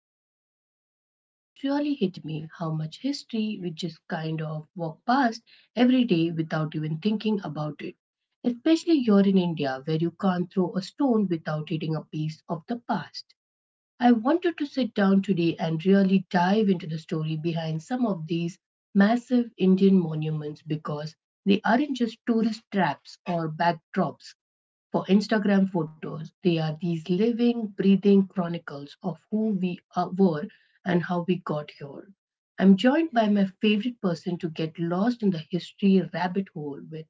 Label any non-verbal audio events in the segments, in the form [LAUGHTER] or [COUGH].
the other day, and it really hit me how much history we just kind of walk past every day without even thinking about it. Especially here in India, where you can't throw a stone without hitting a piece of the past. I wanted to sit down today and really dive into the story behind some of these massive Indian monuments, because they aren't just tourist traps or backdrops for Instagram photos. They are these living, breathing chronicles of who we are, were and how we got here. I'm joined by my favorite person to get lost in the history rabbit hole with,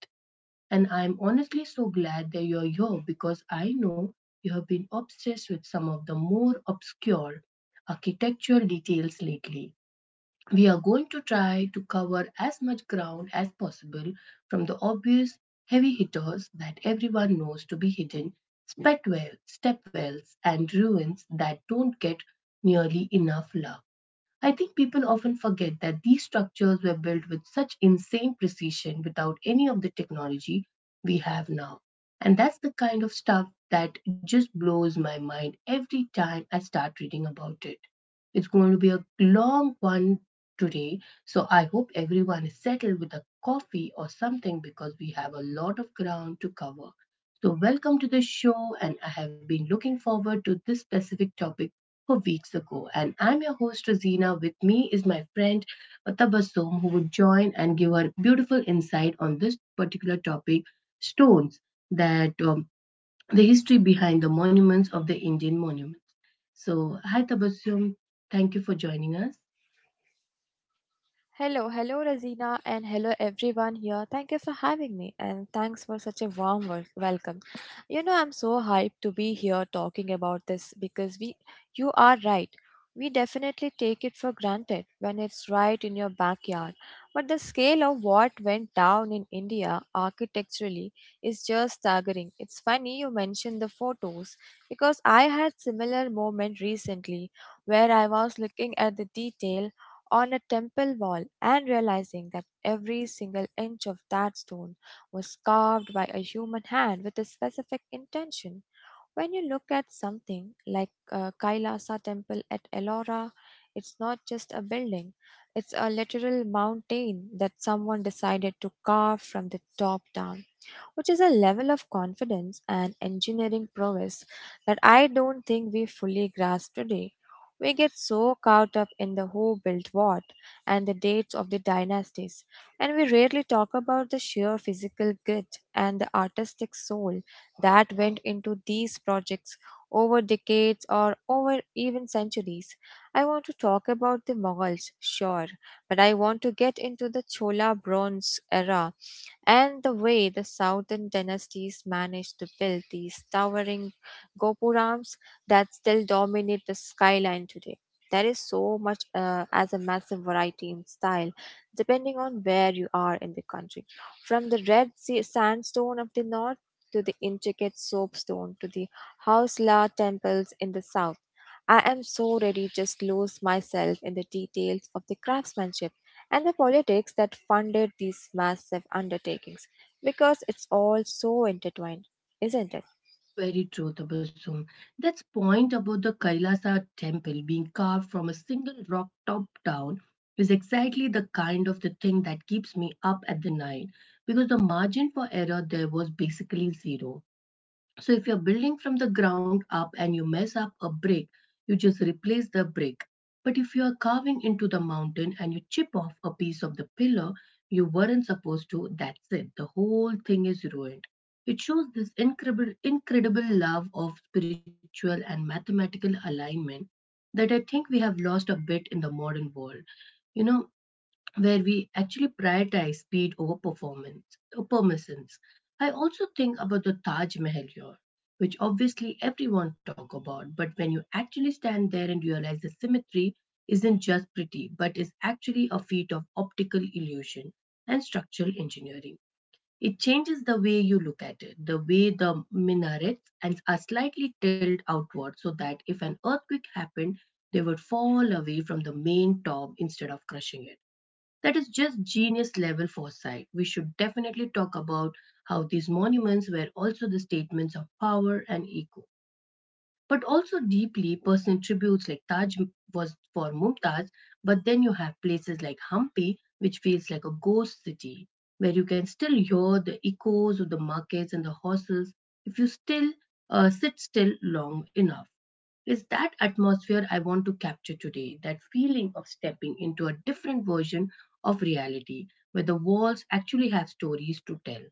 and I'm honestly so glad that you're here because I know you have been obsessed with some of the more obscure architectural details lately. We are going to try to cover as much ground as possible, from the obvious heavy hitters that everyone knows to be hidden, step wells, and ruins that don't get nearly enough love. I think people often forget that these structures were built with such insane precision without any of the technology we have now. And that's the kind of stuff that just blows my mind every time I start reading about it. It's going to be a long one today, so I hope everyone is settled with a coffee or something because we have a lot of ground to cover. So, welcome to the show, and I have been looking forward to this specific topic for weeks ago. And I'm your host, Rosina. With me is my friend Tabassum, who would join and give her beautiful insight on this particular topic stones, that the history behind the monuments of the Indian monuments. So, hi, Tabassum. Thank you for joining us. Hello, hello, Razina, and hello, everyone here. Thank you for having me, and thanks for such a warm welcome. You know, I'm so hyped to be here talking about this because you are right. We definitely take it for granted when it's right in your backyard. But the scale of what went down in India architecturally is just staggering. It's funny you mentioned the photos because I had similar moment recently where I was looking at the detail on a temple wall and realizing that every single inch of that stone was carved by a human hand with a specific intention. When you look at something like Kailasa temple at Ellora, it's not just a building, it's a literal mountain that someone decided to carve from the top down, which is a level of confidence and engineering prowess that I don't think we fully grasp today. We get so caught up in the who built what and the dates of the dynasties, and we rarely talk about the sheer physical grit and the artistic soul that went into these projects over decades or over even centuries. I want to talk about the Mughals, sure, but I want to get into the Chola Bronze era and the way the southern dynasties managed to build these towering gopurams that still dominate the skyline today. There is so much as a massive variety in style, depending on where you are in the country. From the red sea sandstone of the north to the intricate soapstone to the Hausla temples in the south. I am so ready just lose myself in the details of the craftsmanship and the politics that funded these massive undertakings, because it's all so intertwined, isn't it? Very true, Tabassum. That's point about the Kailasa temple being carved from a single rock top down is exactly the kind of the thing that keeps me up at the night, because the margin for error there was basically zero. So if you're building from the ground up and you mess up a brick, you just replace the brick. But if you are carving into the mountain and you chip off a piece of the pillar you weren't supposed to, that's it. The whole thing is ruined. It shows this incredible love of spiritual and mathematical alignment that I think we have lost a bit in the modern world. You know, where we actually prioritize speed over performance or permissions. I also think about the Taj Mahal here, which obviously everyone talk about, but when you actually stand there and realize the symmetry isn't just pretty, but is actually a feat of optical illusion and structural engineering. It changes the way you look at it, the way the minarets and are slightly tilted outward so that if an earthquake happened, they would fall away from the main top instead of crushing it. That is just genius level foresight. We should definitely talk about how these monuments were also the statements of power and ego, but also deeply personal tributes like Taj was for Mumtaz. But then you have places like Hampi, which feels like a ghost city, where you can still hear the echoes of the markets and the horses if you still sit still long enough. It's that atmosphere I want to capture today, that feeling of stepping into a different version of reality, where the walls actually have stories to tell.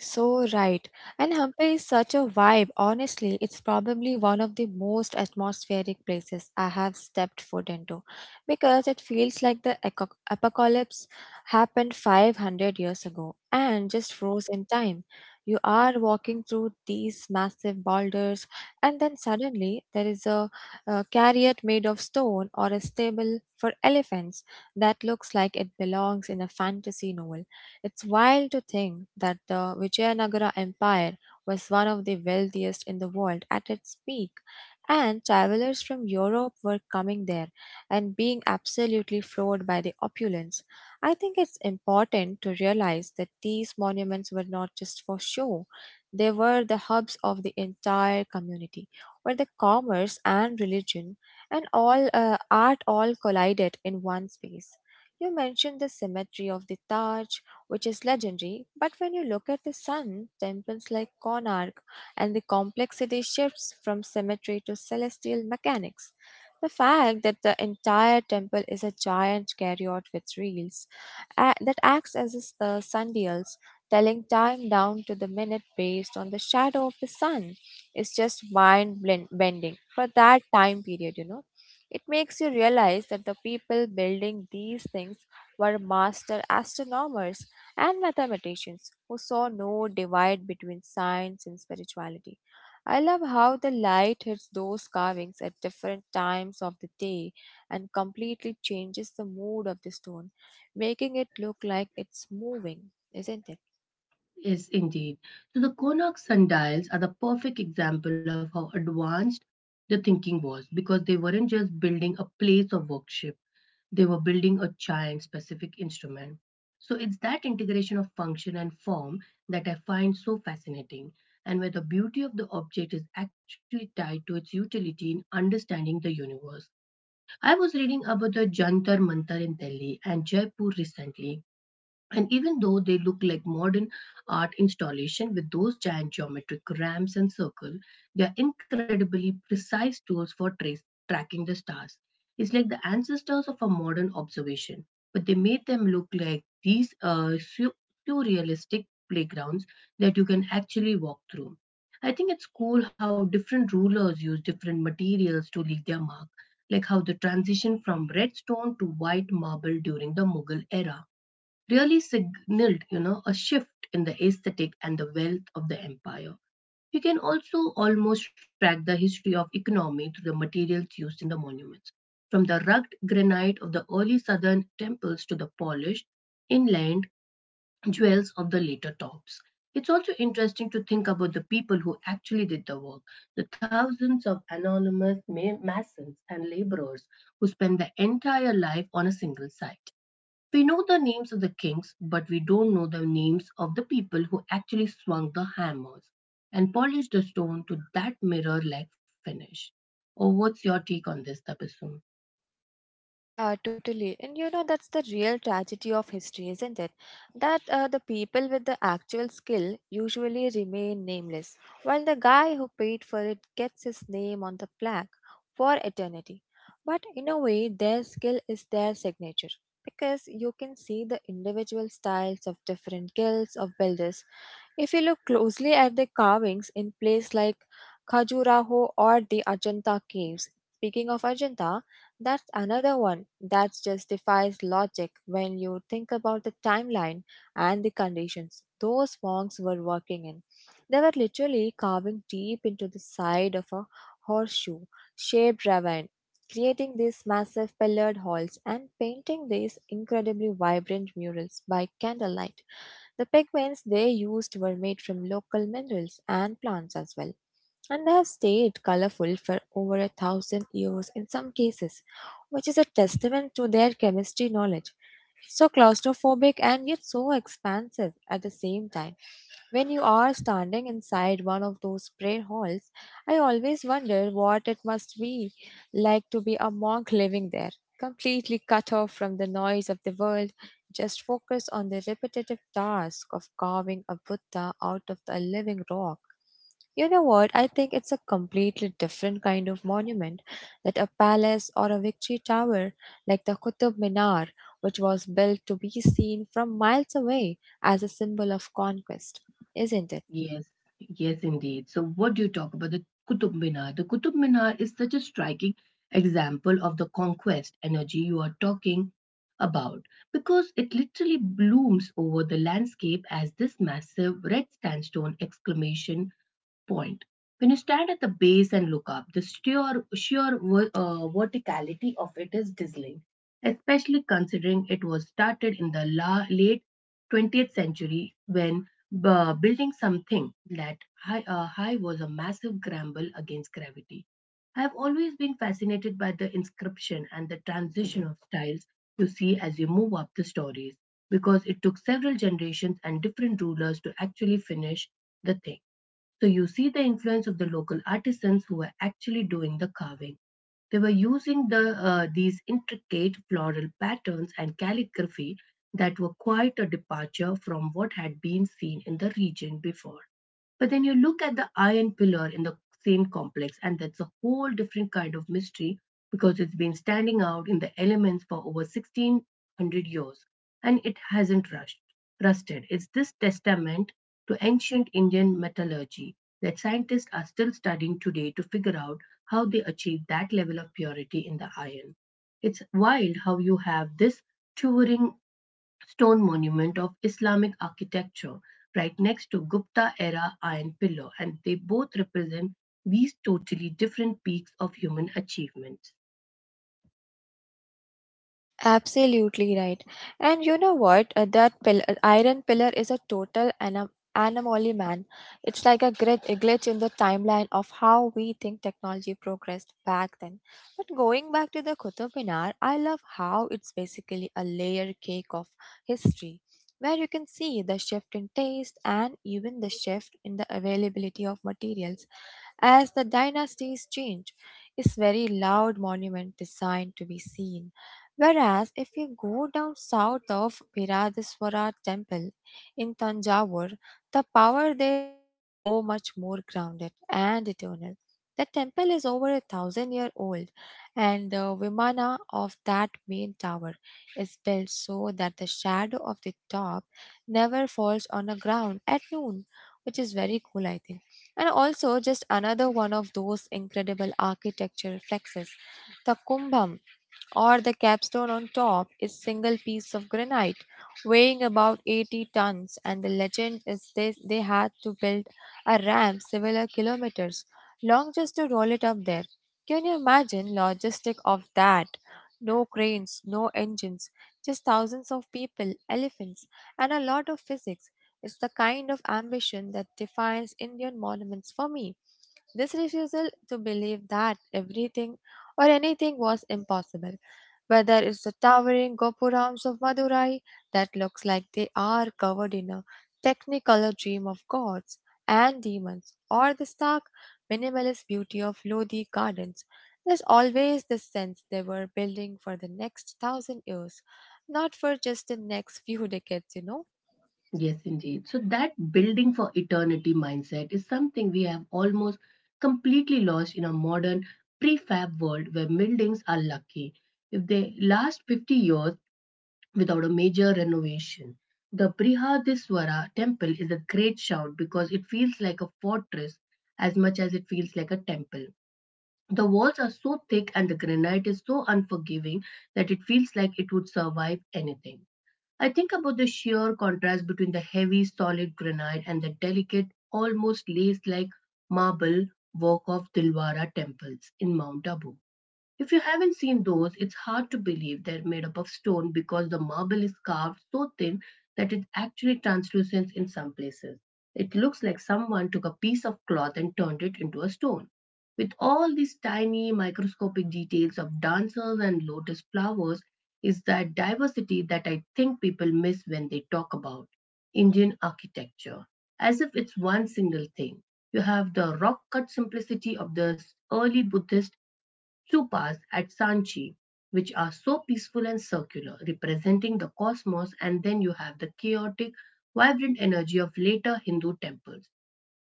So right. And Hampi is such a vibe. Honestly, it's probably one of the most atmospheric places I have stepped foot into, because it feels like the apocalypse happened 500 years ago and just froze in time. You are walking through these massive boulders, and then suddenly there is a chariot made of stone or a stable for elephants that looks like it belongs in a fantasy novel. It's wild to think that the Vijayanagara Empire was one of the wealthiest in the world at its peak, and travelers from Europe were coming there and being absolutely floored by the opulence. I think it's important to realize that these monuments were not just for show, they were the hubs of the entire community, where the commerce and religion and all art all collided in one space. You mentioned the symmetry of the Taj, which is legendary. But when you look at the sun, temples like Konark, and the complexity shifts from symmetry to celestial mechanics. The fact that the entire temple is a giant chariot with reels that acts as a sundials, telling time down to the minute based on the shadow of the sun, is just mind bending for that time period, you know. It makes you realize that the people building these things were master astronomers and mathematicians who saw no divide between science and spirituality. I love how the light hits those carvings at different times of the day and completely changes the mood of the stone, making it look like it's moving, isn't it? Yes, indeed. So the Konak sundials are the perfect example of how advanced the thinking was, because they weren't just building a place of worship, they were building a giant specific instrument. So it's that integration of function and form that I find so fascinating, and where the beauty of the object is actually tied to its utility in understanding the universe. I was reading about the Jantar Mantar in Delhi and Jaipur recently, and even though they look like modern art installation with those giant geometric ramps and circle, they are incredibly precise tools for tracking the stars. It's like the ancestors of a modern observation, but they made them look like these surrealistic playgrounds that you can actually walk through. I think it's cool how different rulers use different materials to leave their mark, like how the transition from red stone to white marble during the Mughal era really signaled, a shift in the aesthetic and the wealth of the empire. We can also almost track the history of economy through the materials used in the monuments, from the rugged granite of the early southern temples to the polished inlaid jewels of the later tops. It's also interesting to think about the people who actually did the work, the thousands of anonymous masons and laborers who spent their entire life on a single site. We know the names of the kings, but we don't know the names of the people who actually swung the hammers and polished the stone to that mirror like finish. Or what's your take on this, Tabassum? Yeah, totally. And you know, that's the real tragedy of history, isn't it? That the people with the actual skill usually remain nameless, while the guy who paid for it gets his name on the plaque for eternity. But in a way, their skill is their signature, because you can see the individual styles of different guilds of builders if you look closely at the carvings in places like Khajuraho or the Ajanta caves. Speaking of Ajanta, that's another one that just defies logic when you think about the timeline and the conditions those monks were working in. They were literally carving deep into the side of a horseshoe shaped ravine, creating these massive pillared halls and painting these incredibly vibrant murals by candlelight. The pigments they used were made from local minerals and plants as well, and they have stayed colorful for over 1,000 years in some cases, which is a testament to their chemistry knowledge. So claustrophobic and yet so expansive at the same time. When you are standing inside one of those prayer halls, I always wonder what it must be like to be a monk living there, completely cut off from the noise of the world, just focus on the repetitive task of carving a Buddha out of a living rock. You know what? I think it's a completely different kind of monument, that a palace or a victory tower like the Qutub Minar, which was built to be seen from miles away as a symbol of conquest, isn't it? Yes, yes, indeed, So, what do you talk about the Qutub Minar? The Qutub Minar is such a striking example of the conquest energy you are talking about, because it literally blooms over the landscape as this massive red sandstone exclamation point. When you stand at the base and look up, the sheer verticality of it is dazzling, especially considering it was started in the late 20th century when building something that high was a massive grapple against gravity. I have always been fascinated by the inscription and the transition of styles you see as you move up the stories, because it took several generations and different rulers to actually finish the thing. So you see the influence of the local artisans who were actually doing the carving. They were using these intricate floral patterns and calligraphy that were quite a departure from what had been seen in the region before. But then you look at the iron pillar in the same complex, and that's a whole different kind of mystery because it's been standing out in the elements for over 1600 years and it hasn't rusted. It's this testament to ancient Indian metallurgy that scientists are still studying today to figure out how they achieved that level of purity in the iron. It's wild how you have this towering stone monument of Islamic architecture right next to Gupta era iron pillar, and they both represent these totally different peaks of human achievements. Absolutely right. And you know what? That iron pillar is a total anomaly, man. It's like a glitch in the timeline of how we think technology progressed back then. But going back to the Qutub Minar, I love how it's basically a layer cake of history, where you can see the shift in taste and even the shift in the availability of materials. As the dynasties change, it's very loud monument designed to be seen. Whereas if you go down south of Biradeswara temple in Tanjavur, the power there feels so much more grounded and eternal. The temple is over 1,000 year old, and the vimana of that main tower is built so that the shadow of the top never falls on the ground at noon, which is very cool I think. And also, just another one of those incredible architecture flexes, the Kumbham or the capstone on top is single piece of granite weighing about 80 tons. And the legend is they had to build a ramp several kilometers long just to roll it up there. Can you imagine logistic of that? No cranes, no engines, just thousands of people, elephants, and a lot of physics. It's the kind of ambition that defines Indian monuments for me, this refusal to believe that everything or anything was impossible. Whether it's the towering gopurams of Madurai that looks like they are covered in a technicolor dream of gods and demons, or the stark minimalist beauty of Lodi gardens, there's always the sense they were building for the next 1,000 years, not for just the next few decades, you know. Yes, indeed. So, that building for eternity mindset is something we have almost completely lost in a modern prefab world where buildings are lucky if they last 50 years, without a major renovation. The Brihadiswara temple is a great shout because it feels like a fortress as much as it feels like a temple. The walls are so thick and the granite is so unforgiving that it feels like it would survive anything. I think about the sheer contrast between the heavy, solid granite and the delicate, almost lace like marble work of Dilwara temples in Mount Abu. If you haven't seen those, it's hard to believe they're made up of stone, because the marble is carved so thin that it's actually translucent in some places. It looks like someone took a piece of cloth and turned it into a stone. With all these tiny microscopic details of dancers and lotus flowers, is that diversity that I think people miss when they talk about Indian architecture, as if it's one single thing. You have the rock cut simplicity of the early Buddhist stupas at Sanchi, which are so peaceful and circular, representing the cosmos, and then you have the chaotic, vibrant energy of later Hindu temples.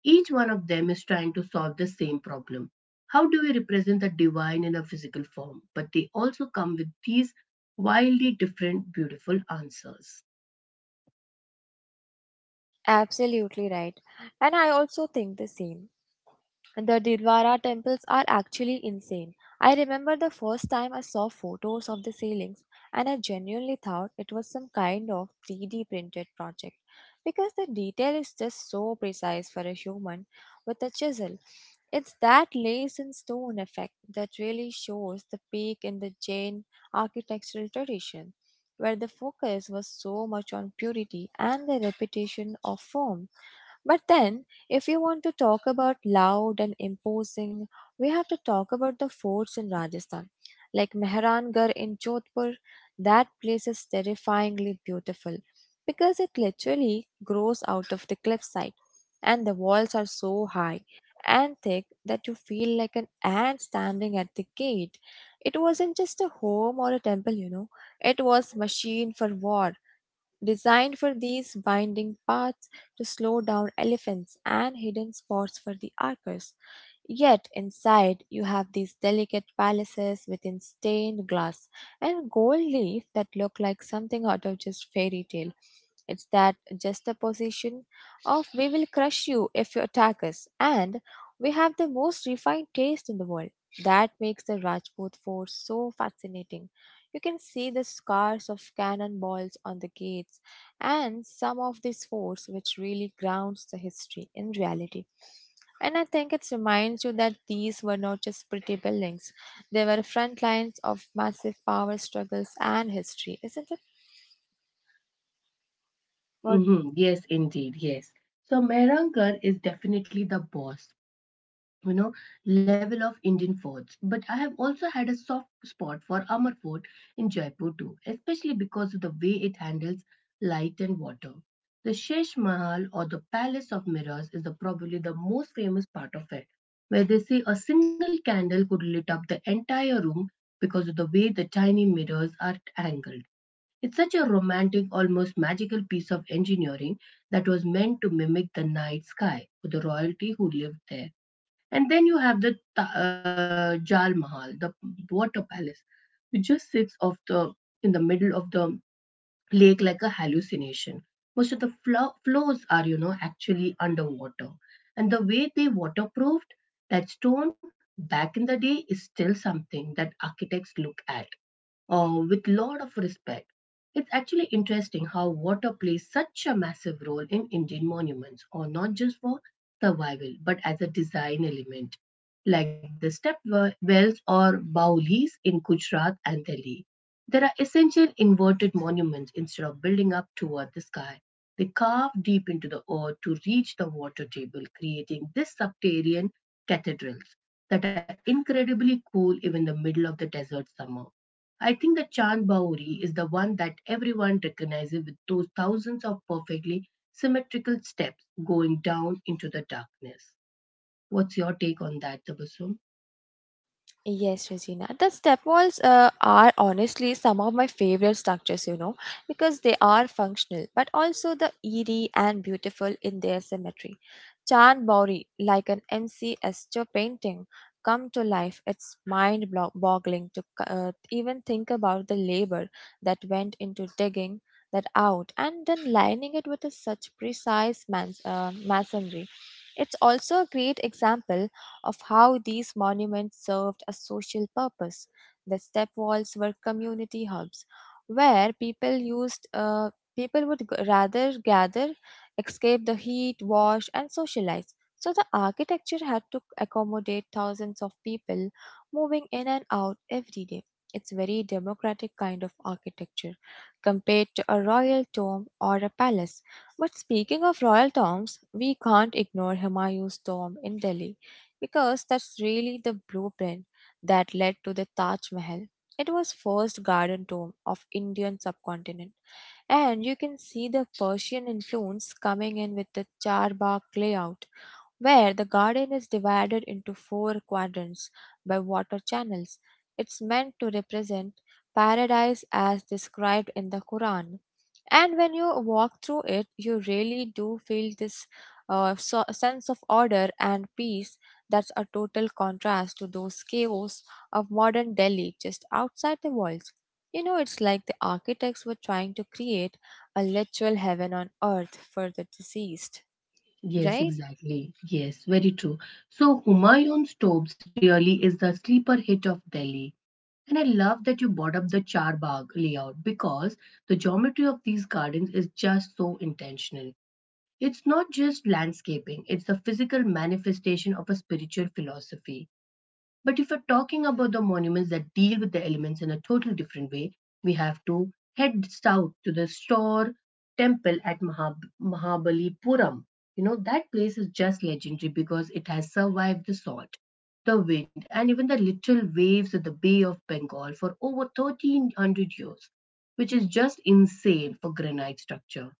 Each one of them is trying to solve the same problem. How do we represent the divine in a physical form? But they also come with these wildly different, beautiful answers. Absolutely right. And I also think the same. The Didwara temples are actually insane. I remember the first time I saw photos of the ceilings, and I genuinely thought it was some kind of 3D printed project because the detail is just so precise for a human with a chisel. It's that lace and stone effect that really shows the peak in the Jain architectural tradition, where the focus was so much on purity and the repetition of form. But then, if you want to talk about loud and imposing, we have to talk about the forts in Rajasthan, like Mehrangarh in Jodhpur. That place is terrifyingly beautiful because it literally grows out of the cliffside, and the walls are so high and thick that you feel like an ant standing at the gate. It wasn't just a home or a temple, you know, it was machine for war designed for these winding paths to slow down elephants and hidden spots for the archers. Yet inside you have these delicate palaces within stained glass and gold leaf that look like something out of just fairy tale. It's that juxtaposition of we will crush you if you attack us and we have the most refined taste in the world. That makes the Rajput fort so fascinating. You can see the scars of cannonballs on the gates and some of these forts, which really grounds the history in reality. And I think it reminds you that these were not just pretty buildings, they were front lines of massive power struggles and history, isn't it? What? Mhm. Yes, indeed, yes. So Mehrankar is definitely the boss, you know level of Indian forts. But I have also had a soft spot for Amar Fort in Jaipur too, especially because of the way it handles light and water. The Shesh Mahal or the Palace of Mirrors is probably the most famous part of it, where they say a single candle could light up the entire room because of the way the tiny mirrors are angled. It's such a romantic, almost magical piece of engineering that was meant to mimic the night sky for the royalty who lived there. And then you have the Jal Mahal, the water palace, which just sits off the in the middle of the lake like a hallucination. Most of the floors are, actually underwater. And the way they waterproofed that stone back in the day is still something that architects look at with lot of respect. It's actually interesting how water plays such a massive role in Indian monuments, or not just for survival, but as a design element, like the wells or baulis in Gujarat and Delhi. There are essential inverted monuments instead of building up toward the sky. They carve deep into the earth to reach the water table, creating these subterranean cathedrals that are incredibly cool even in the middle of the desert summer. I think the Chand Baori is the one that everyone recognizes with those thousands of perfectly symmetrical steps going down into the darkness. What's your take on that, Tabasum? Yes, Regina. The step walls are honestly some of my favorite structures, you know, because they are functional but also the eerie and beautiful in their symmetry. Chan Bauri, like an MC Esther painting, come to life. It's mind boggling to even think about the labor that went into digging that out and then lining it with a such precise masonry. It's also a great example of how these monuments served a social purpose. The step walls were community hubs where people would rather gather, escape the heat, wash and socialize. So the architecture had to accommodate thousands of people moving in and out every day. It's very democratic kind of architecture compared to a royal tomb or a palace. But speaking of royal tombs, we can't ignore Humayun's tomb in Delhi because that's really the blueprint that led to the Taj Mahal. It was first garden tomb of Indian subcontinent, and you can see the Persian influence coming in with the Charbagh layout, where the garden is divided into four quadrants by water channels. It's meant to represent paradise as described in the Quran, and when you walk through it, you really do feel this sense of order and peace that's a total contrast to those chaos of modern Delhi just outside the walls. It's like the architects were trying to create a literal heaven on earth for the deceased, Yes, right? exactly. Yes, very true. So Humayun's tombs really is the sleeper hit of Delhi. And I love that you brought up the Charbagh layout because the geometry of these gardens is just so intentional. It's not just landscaping, it's the physical manifestation of a spiritual philosophy. But if we're talking about the monuments that deal with the elements in a total different way, we have to head south to the Store Temple at Mahabalipuram. You know, that place is just legendary because it has survived the salt, the wind, and even the little waves of the Bay of Bengal for over 1300 years, which is just insane for granite structure.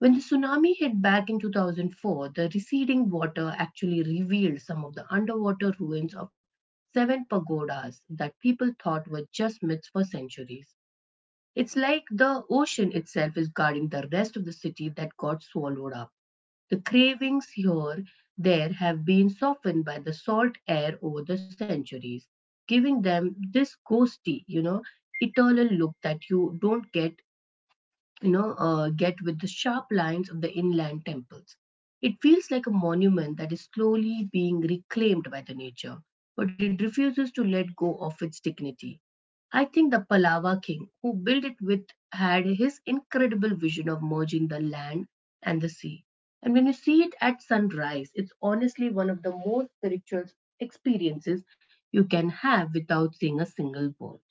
When the tsunami hit back in 2004, the receding water actually revealed some of the underwater ruins of seven pagodas that people thought were just myths for centuries. It's like the ocean itself is guarding the rest of the city that got swallowed up. The cravings here there have been softened by the salt air over the centuries, giving them this ghosty, eternal look that you don't get with the sharp lines of the inland temples. It feels like a monument that is slowly being reclaimed by the nature, but it refuses to let go of its dignity. I think the Pallava king who built it with had his incredible vision of merging the land and the sea. And when you see it at sunrise, it's honestly one of the most spiritual experiences you can have without seeing a single boat.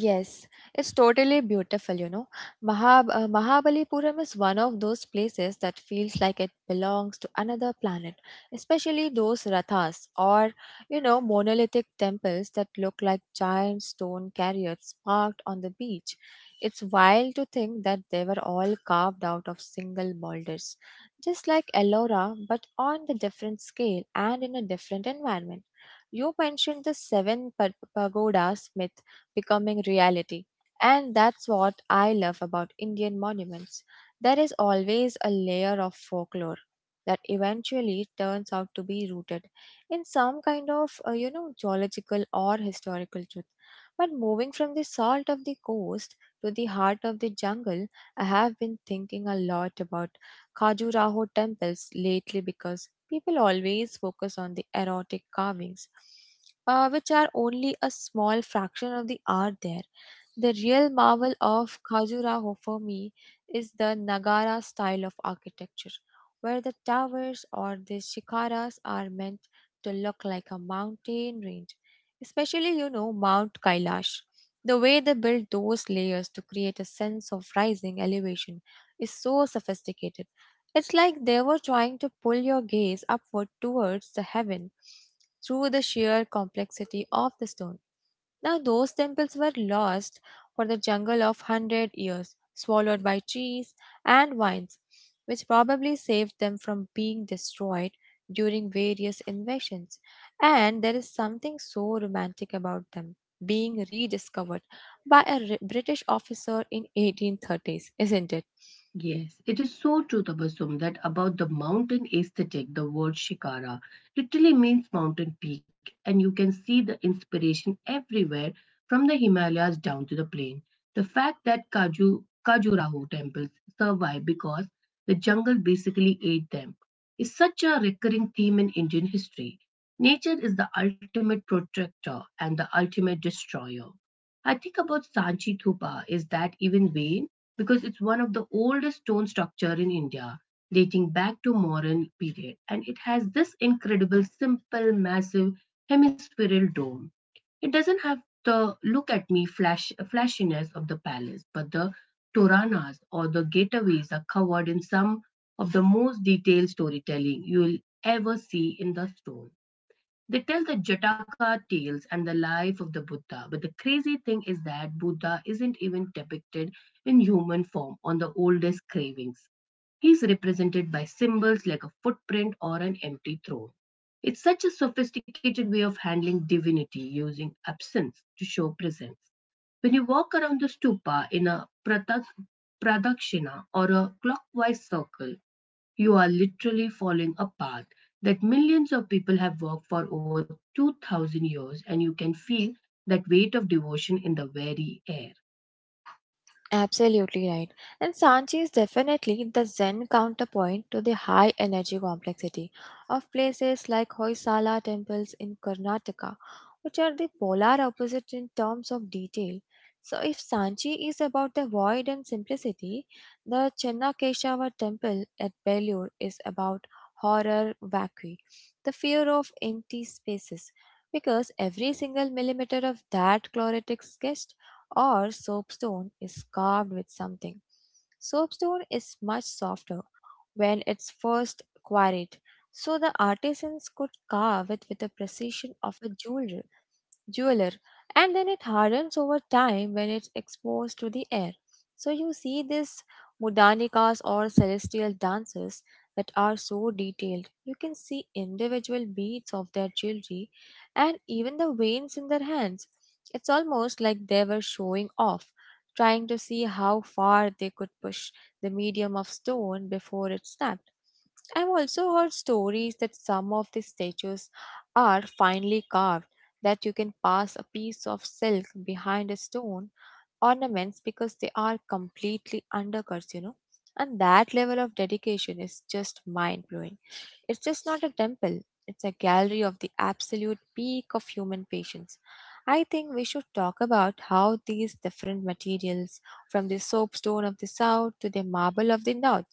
Yes, it's totally beautiful, Mahabalipuram is one of those places that feels like it belongs to another planet, especially those rathas or, monolithic temples that look like giant stone chariots parked on the beach. It's wild to think that they were all carved out of single boulders, just like Ellora, but on the different scale and in a different environment. You mentioned the pagodas myth becoming reality. And that's what I love about Indian monuments. There is always a layer of folklore that eventually turns out to be rooted in some kind of, geological or historical truth. But moving from the salt of the coast to the heart of the jungle, I have been thinking a lot about Khajuraho temples lately because people always focus on the erotic carvings which are only a small fraction of the art there. The real marvel of Khajuraho for me is the Nagara style of architecture, where the towers or the shikaras are meant to look like a mountain range, especially, Mount Kailash. The way they build those layers to create a sense of rising elevation is so sophisticated. It's like they were trying to pull your gaze upward towards the heaven through the sheer complexity of the stone. Now, those temples were lost for the jungle of 100 years, swallowed by trees and vines, which probably saved them from being destroyed during various invasions. And there is something so romantic about them being rediscovered by a British officer in 1830s, isn't it? Yes, it is so true, Tabassum, that about the mountain aesthetic, the word Shikara literally means mountain peak, and you can see the inspiration everywhere from the Himalayas down to the plain. The fact that Khajuraho temples survive because the jungle basically ate them is such a recurring theme in Indian history. Nature is the ultimate protector and the ultimate destroyer. I think about Sanchi Thupa is that even vain? Because it's one of the oldest stone structure in India dating back to Mauryan period and it has this incredible simple massive hemispherical dome. It doesn't have the look at me flashiness of the palace but the toranas or the gateways are covered in some of the most detailed storytelling you'll ever see in the stone. They tell the Jataka tales and the life of the Buddha, but the crazy thing is that Buddha isn't even depicted in human form on the oldest cravings. He's represented by symbols like a footprint or an empty throne. It's such a sophisticated way of handling divinity using absence to show presence. When you walk around the stupa in a pradakshina or a clockwise circle, you are literally following a path that millions of people have walked for over 2000 years, and you can feel that weight of devotion in the very air. Absolutely right. And Sanchi is definitely the Zen counterpoint to the high energy complexity of places like Hoysala temples in Karnataka, which are the polar opposite in terms of detail. So, if Sanchi is about the void and simplicity, the Chennakeshava temple at Belur is about horror vacui, the fear of empty spaces, because every single millimeter of that chloritic sketch or soapstone is carved with something. Soapstone is much softer when it's first quarried, so the artisans could carve it with the precision of a jeweler, and then it hardens over time when it's exposed to the air. So you see these mudanikas or celestial dances that are so detailed. You can see individual beads of their jewelry and even the veins in their hands. It's almost like they were showing off, trying to see how far they could push the medium of stone before it snapped. I've also heard stories that some of the statues are finely carved that you can pass a piece of silk behind a stone ornaments because they are completely undercuts, And that level of dedication is just mind blowing. It's just not a temple, it's a gallery of the absolute peak of human patience. I think we should talk about how these different materials, from the soapstone of the south to the marble of the north,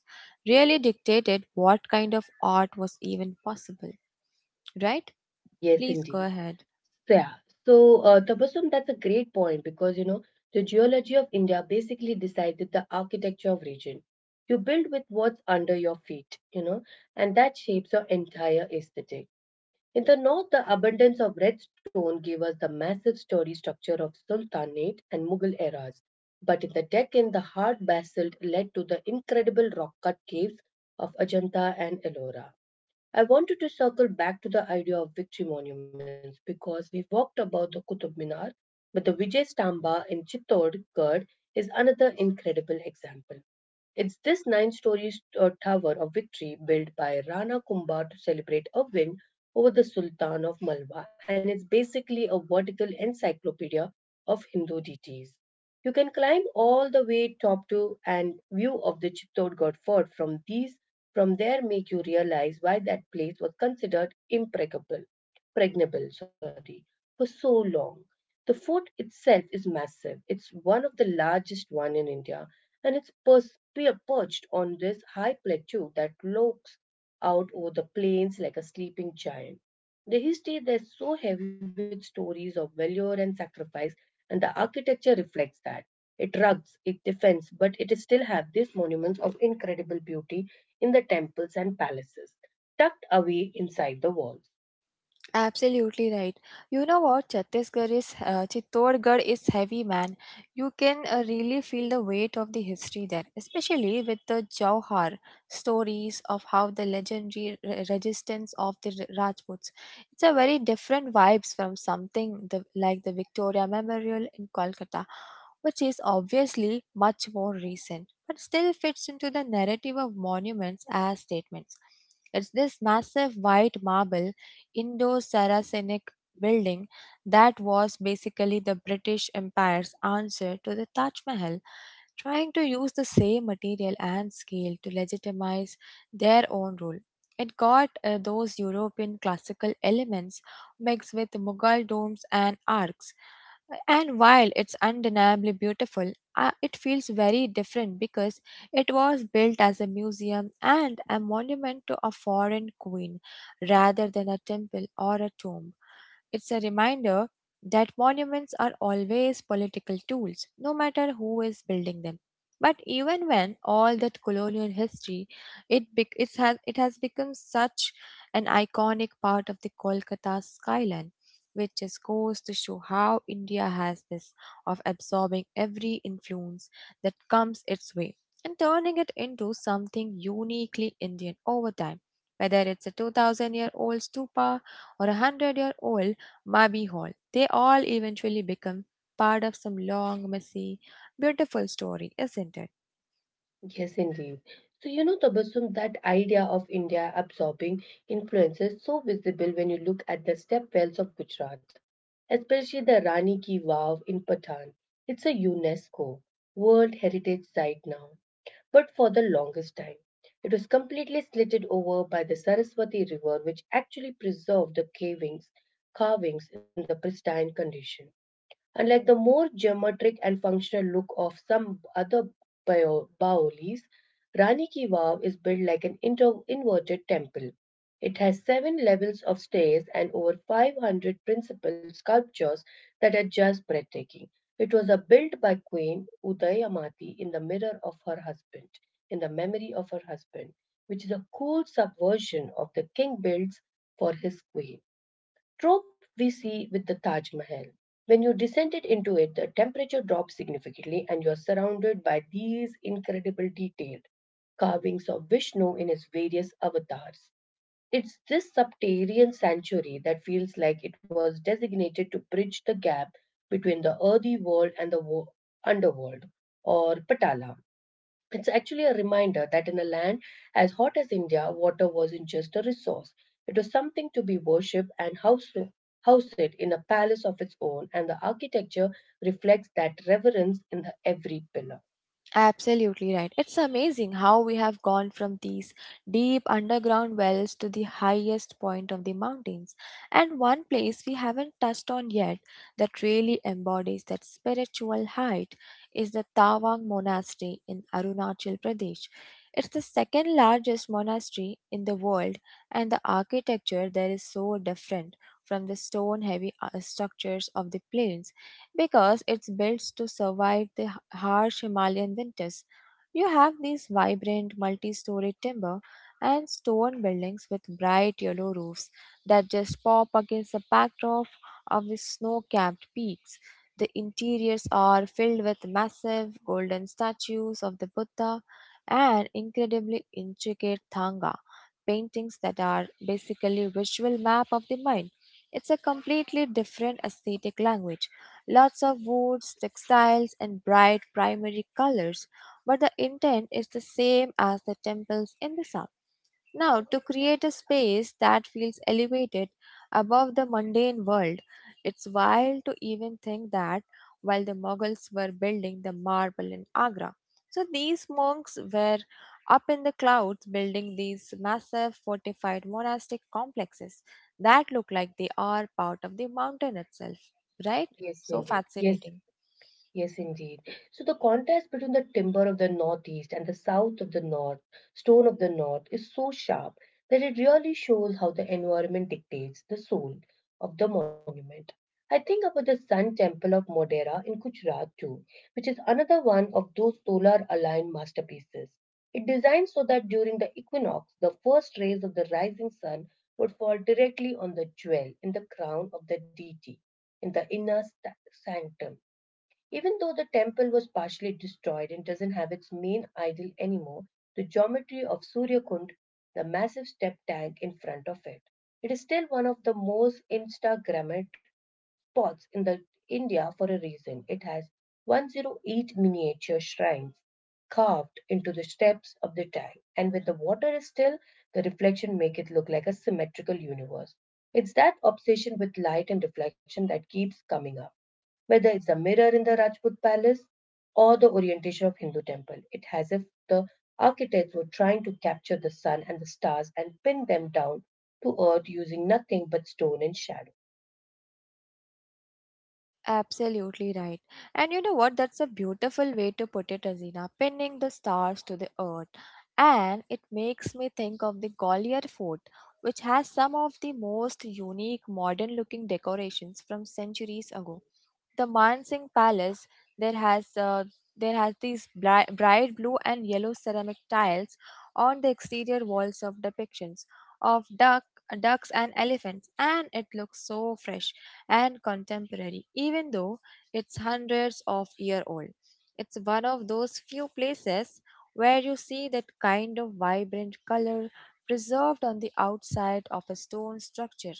really dictated what kind of art was even possible, right? Please Yes, go indeed. ahead. So, yeah. So, Tabassum, that's a great point because you know the geology of India basically decided the architecture of region. You build with what's under your feet, you know, and that shapes your entire aesthetic. In the north, the abundance of red stone gave us the massive story structure of Sultanate and Mughal eras. But in the Deccan, the hard basalt led to the incredible rock cut caves of Ajanta and Ellora. I wanted to circle back to the idea of victory monuments because we walked about the Qutub Minar, but the Vijay Stamba in Chittorgarh is another incredible example. It's this nine story tower of victory built by Rana Kumbha to celebrate a win over the Sultan of Malwa, and it's basically a vertical encyclopedia of Hindu deities. You can climb all the way top to and view of the Chittorgarh fort from these from there make you realize why that place was considered impregnable pregnable sorry for so long. The fort itself is massive. It's one of the largest one in India, and it's perched on this high plateau that looks out over the plains like a sleeping giant. The history there is so heavy with stories of valor and sacrifice, and the architecture reflects that. It rugs, it defends, but it is still have these monuments of incredible beauty in the temples and palaces, tucked away inside the walls. Absolutely right. You know what? Chhattisgarh is Chittorgarh is heavy, man. You can really feel the weight of the history there, especially with the Jauhar stories of how the legendary resistance of the Rajputs. It's a very different vibes from something the, like the Victoria Memorial in Kolkata, which is obviously much more recent, but still fits into the narrative of monuments as statements. It's this massive white marble Indo-Saracenic building that was basically the British Empire's answer to the Taj Mahal, trying to use the same material and scale to legitimize their own rule. It got those European classical elements mixed with Mughal domes and arcs. And while it's undeniably beautiful, it feels very different because it was built as a museum and a monument to a foreign queen rather than a temple or a tomb. It's a reminder that monuments are always political tools, no matter who is building them. But even when all that colonial history, it has become such an iconic part of the Kolkata skyline, which just goes to show how India has this of absorbing every influence that comes its way and turning it into something uniquely Indian over time. Whether it's a 2000 year old stupa or a 100-year-old Mabi Hall, they all eventually become part of some long, messy, beautiful story, isn't it? Yes, indeed. So, you know, Tabassum, that idea of India absorbing influence is so visible when you look at the stepwells of Gujarat, especially the Rani Ki Vav in Patan. It's a UNESCO World Heritage Site now, but for the longest time, it was completely slitted over by the Saraswati River, which actually preserved the carvings in the pristine condition. Unlike the more geometric and functional look of some other bao leaves, Rani Ki Vav is built like an inverted temple. It has seven levels of stairs and over 500 principal sculptures that are just breathtaking. It was built by Queen Udayamati in the mirror of her husband, in the memory of her husband, which is a cool subversion of the king builds for his queen trope we see with the Taj Mahal. When you descended into it, the temperature drops significantly and you're surrounded by these incredible detailed carvings of Vishnu in his various avatars. It's this subterranean sanctuary that feels like it was designated to bridge the gap between the earthy world and the underworld, or Patala. It's actually a reminder that in a land as hot as India, water wasn't just a resource. It was something to be worshipped and house it in a palace of its own, and the architecture reflects that reverence in the every pillar. Absolutely right. It's amazing how we have gone from these deep underground wells to the highest point of the mountains. And one place we haven't touched on yet that really embodies that spiritual height is the Tawang Monastery in Arunachal Pradesh. It's the second largest monastery in the world, and the architecture there is so different from the stone heavy structures of the plains because it's built to survive the harsh Himalayan winters. You have these vibrant multi story timber and stone buildings with bright yellow roofs that just pop against the backdrop of the snow capped peaks. The interiors are filled with massive golden statues of the Buddha and incredibly intricate Thanga paintings that are basically visual map of the mind. It's a completely different aesthetic language. Lots of woods, textiles, and bright primary colors, but the intent is the same as the temples in the south. Now, to create a space that feels elevated above the mundane world, it's wild to even think that while the Mughals were building the marble in Agra, so these monks were up in the clouds building these massive fortified monastic complexes that look like they are part of the mountain itself, right? Yes, So indeed. Yes. fascinating. Yes, indeed. So the contrast between the timber of the northeast and the south of the north, stone of the north, is so sharp that it really shows how the environment dictates the soul of the monument. I think about the Sun Temple of Modera in Gujarat too, which is another one of those solar aligned masterpieces. It designed so that during the equinox, the first rays of the rising sun would fall directly on the jewel in the crown of the deity in the sanctum, even though the temple was partially destroyed and doesn't have its main idol anymore. The geometry of Suryakund, the massive step tank in front of it, it is still one of the most Instagrammed spots in the India for a reason. It has 108 miniature shrines carved into the steps of the tank, and when the water is still, the reflection make it look like a symmetrical universe. It's that obsession with light and reflection that keeps coming up. Whether it's the mirror in the Rajput palace or the orientation of Hindu temple, it has if the architects were trying to capture the sun and the stars and pin them down to earth using nothing but stone and shadow. Absolutely right. And you know what? That's a beautiful way to put it, Azina, pinning the stars to the earth. And it makes me think of the Gwalior Fort, which has some of the most unique modern looking decorations from centuries ago. The Mansingh Palace, there has uh, there has these bright blue and yellow ceramic tiles on the exterior walls of depictions of ducks and elephants, and it looks so fresh and contemporary, even though it's hundreds of year old. It's one of those few places where you see that kind of vibrant color preserved on the outside of a stone structure.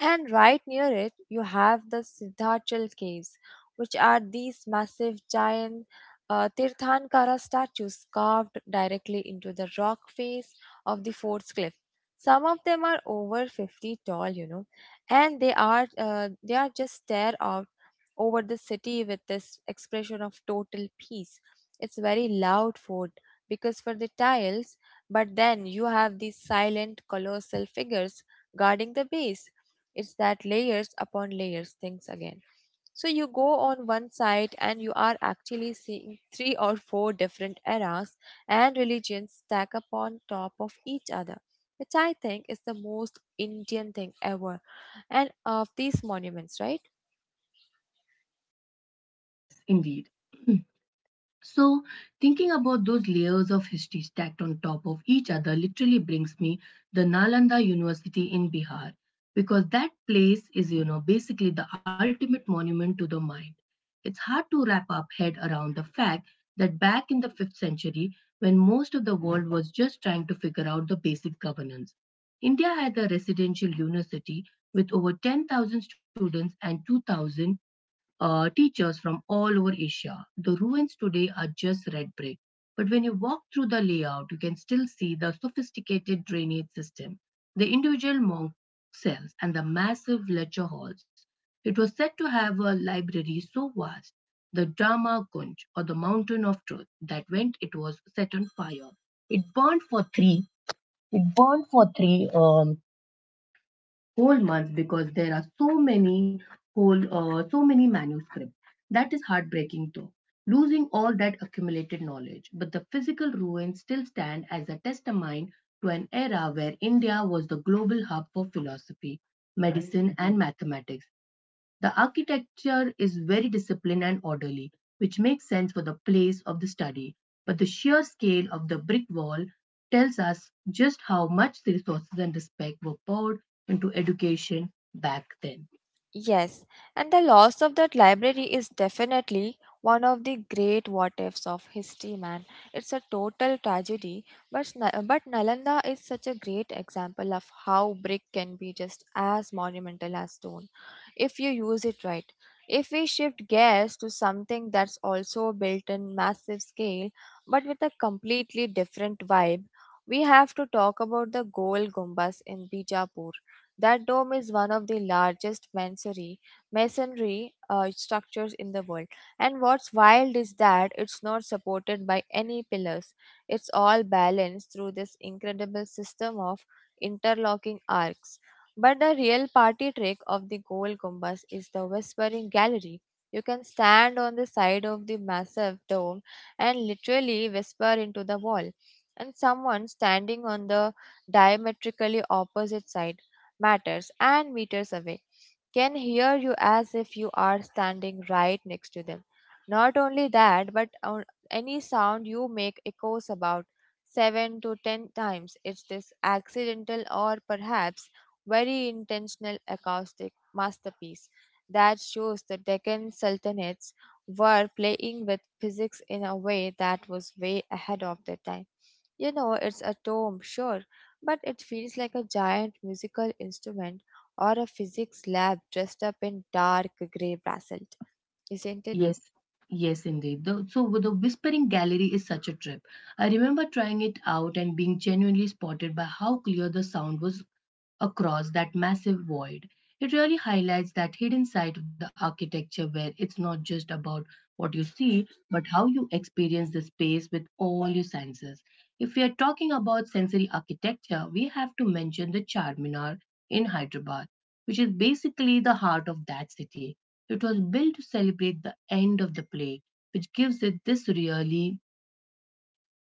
And right near it, you have the Siddhachal Caves, which are these massive giant Tirthankara statues carved directly into the rock face of the fort's cliff. Some of them are over 50 tall, and they are just stare out over the city with this expression of total peace. It's very loud fort because for the tiles, but then you have these silent colossal figures guarding the base. It's that layers upon layers things again. So you go on one site and you are actually seeing three or four different eras and religions stack up on top of each other, which I think is the most Indian thing ever. And of these monuments, right? Yes, indeed. [CLEARS THROAT] So, thinking about those layers of history stacked on top of each other literally brings me the Nalanda University in Bihar because that place is, you know, basically the ultimate monument to the mind. It's hard to wrap up head around the fact that back in the 5th century, when most of the world was just trying to figure out the basic governance, India had a residential university with over 10,000 students and 2,000 teachers from all over Asia. The ruins today are just red brick, but when you walk through the layout, you can still see the sophisticated drainage system, the individual monk cells, and the massive lecture halls. It was said to have a library so vast, the Dharma Kunj, or the Mountain of Truth, that when it was set on fire, it burned for three. It burned for three whole month because there are so many whole so many manuscripts. That is heartbreaking though, losing all that accumulated knowledge, but the physical ruins still stand as a testament to an era where India was the global hub for philosophy, medicine and mathematics. The architecture is very disciplined and orderly, which makes sense for the place of the study, but the sheer scale of the brick wall tells us just how much the resources and respect were poured into education back then. Yes, and the loss of that library is definitely one of the great what ifs of history, man. It's a total tragedy, but, but Nalanda is such a great example of how brick can be just as monumental as stone if you use it right. If we shift gears to something that's also built in massive scale but with a completely different vibe, we have to talk about the Gol Gumbas in Bijapur. That dome is one of the largest masonry structures in the world. And what's wild is that it's not supported by any pillars. It's all balanced through this incredible system of interlocking arcs. But the real party trick of the Gold Gumbas is the Whispering Gallery. You can stand on the side of the massive dome and literally whisper into the wall. And someone standing on the diametrically opposite side matters and meters away can hear you as if you are standing right next to them. Not only that, but on any sound you make echoes about 7 to 10 times. It's this accidental or perhaps very intentional acoustic masterpiece that shows the Deccan Sultanates were playing with physics in a way that was way ahead of their time. It's a tome, sure, but it feels like a giant musical instrument or a physics lab dressed up in dark gray brassel, isn't it? Yes, yes, indeed. So the Whispering Gallery is such a trip. I remember trying it out and being genuinely spotted by how clear the sound was across that massive void. It really highlights that hidden side of the architecture where it's not just about what you see, but how you experience the space with all your senses. If we are talking about sensory architecture, we have to mention the Charminar in Hyderabad, which is basically the heart of that city. It was built to celebrate the end of the plague, which gives it this really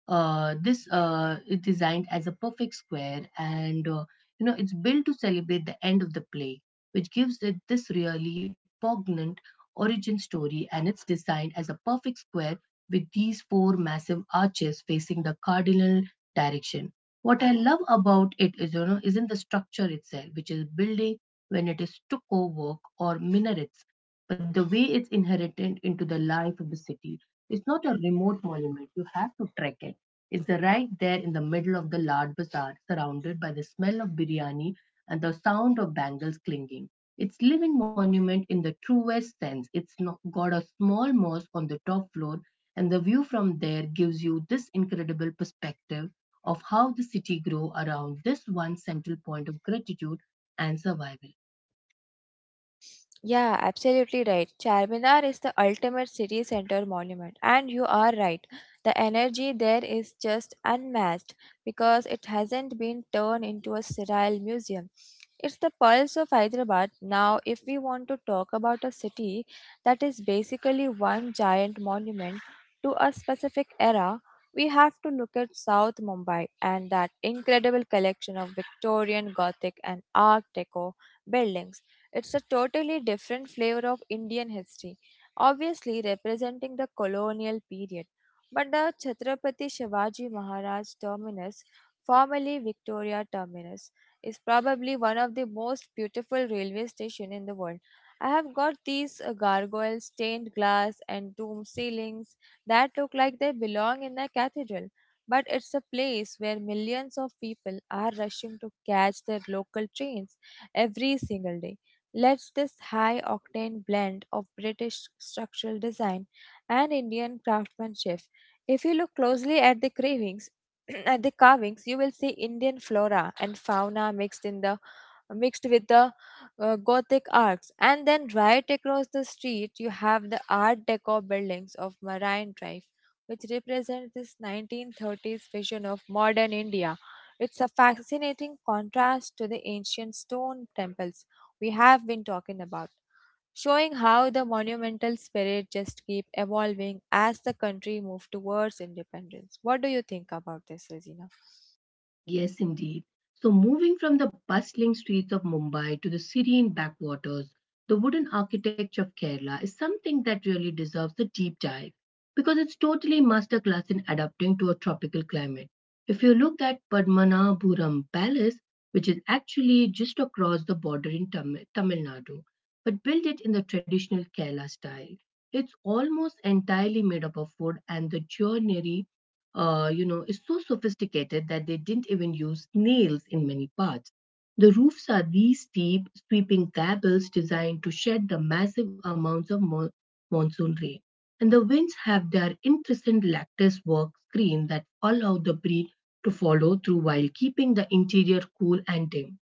this is designed as a perfect square, and you know it's built to celebrate the end of the play, which gives it this really poignant origin story. And it's designed as a perfect square with these four massive arches facing the cardinal direction. What I love about it is, you know, isn't the structure itself, which is building when it is stucco work or minarets, but the way it's inherited into the life of the city. It's not a remote monument. You have to trek it is right there in the middle of the large bazaar, surrounded by the smell of biryani and the sound of bangles clinking. It's living monument in the truest sense. It's not got a small mosque on the top floor, and the view from there gives you this incredible perspective of how the city grew around this one central point of gratitude and survival. Yeah, absolutely right. Charminar is the ultimate city center monument, and you are right. The energy there is just unmatched because it hasn't been turned into a sterile museum. It's the pulse of Hyderabad. Now, if we want to talk about a city that is basically one giant monument to a specific era, we have to look at South Mumbai and that incredible collection of Victorian, Gothic, and Art Deco buildings. It's a totally different flavor of Indian history, obviously representing the colonial period. But the Chhatrapati Shivaji Maharaj Terminus, formerly Victoria Terminus, is probably one of the most beautiful railway stations in the world. I have got these gargoyle stained glass and dome ceilings that look like they belong in a cathedral. But it's a place where millions of people are rushing to catch their local trains every single day. Let's this high octane blend of British structural design and Indian craftsmanship. If you look closely at the cravings, [CLEARS THROAT] at the carvings, you will see Indian flora and fauna mixed in the mixed with the Gothic arcs, and then right across the street, you have the Art Deco buildings of Marine Drive, which represent this 1930s vision of modern India. It's a fascinating contrast to the ancient stone temples we have been talking about, showing how the monumental spirit just keep evolving as the country moved towards independence. What do you think about this, Regina? Yes, indeed. So, moving from the bustling streets of Mumbai to the serene backwaters, the wooden architecture of Kerala is something that really deserves a deep dive because it's totally masterclass in adapting to a tropical climate. If you look at Padmanabhuram Palace, which is actually just across the border in Tamil Nadu, but built it in the traditional Kerala style, it's almost entirely made up of wood and the joinery you know, is so sophisticated that they didn't even use nails in many parts. The roofs are these steep, sweeping gables designed to shed the massive amounts of monsoon rain. And the winds have their incessant lattice work screen that allow the breeze to follow through while keeping the interior cool and dim.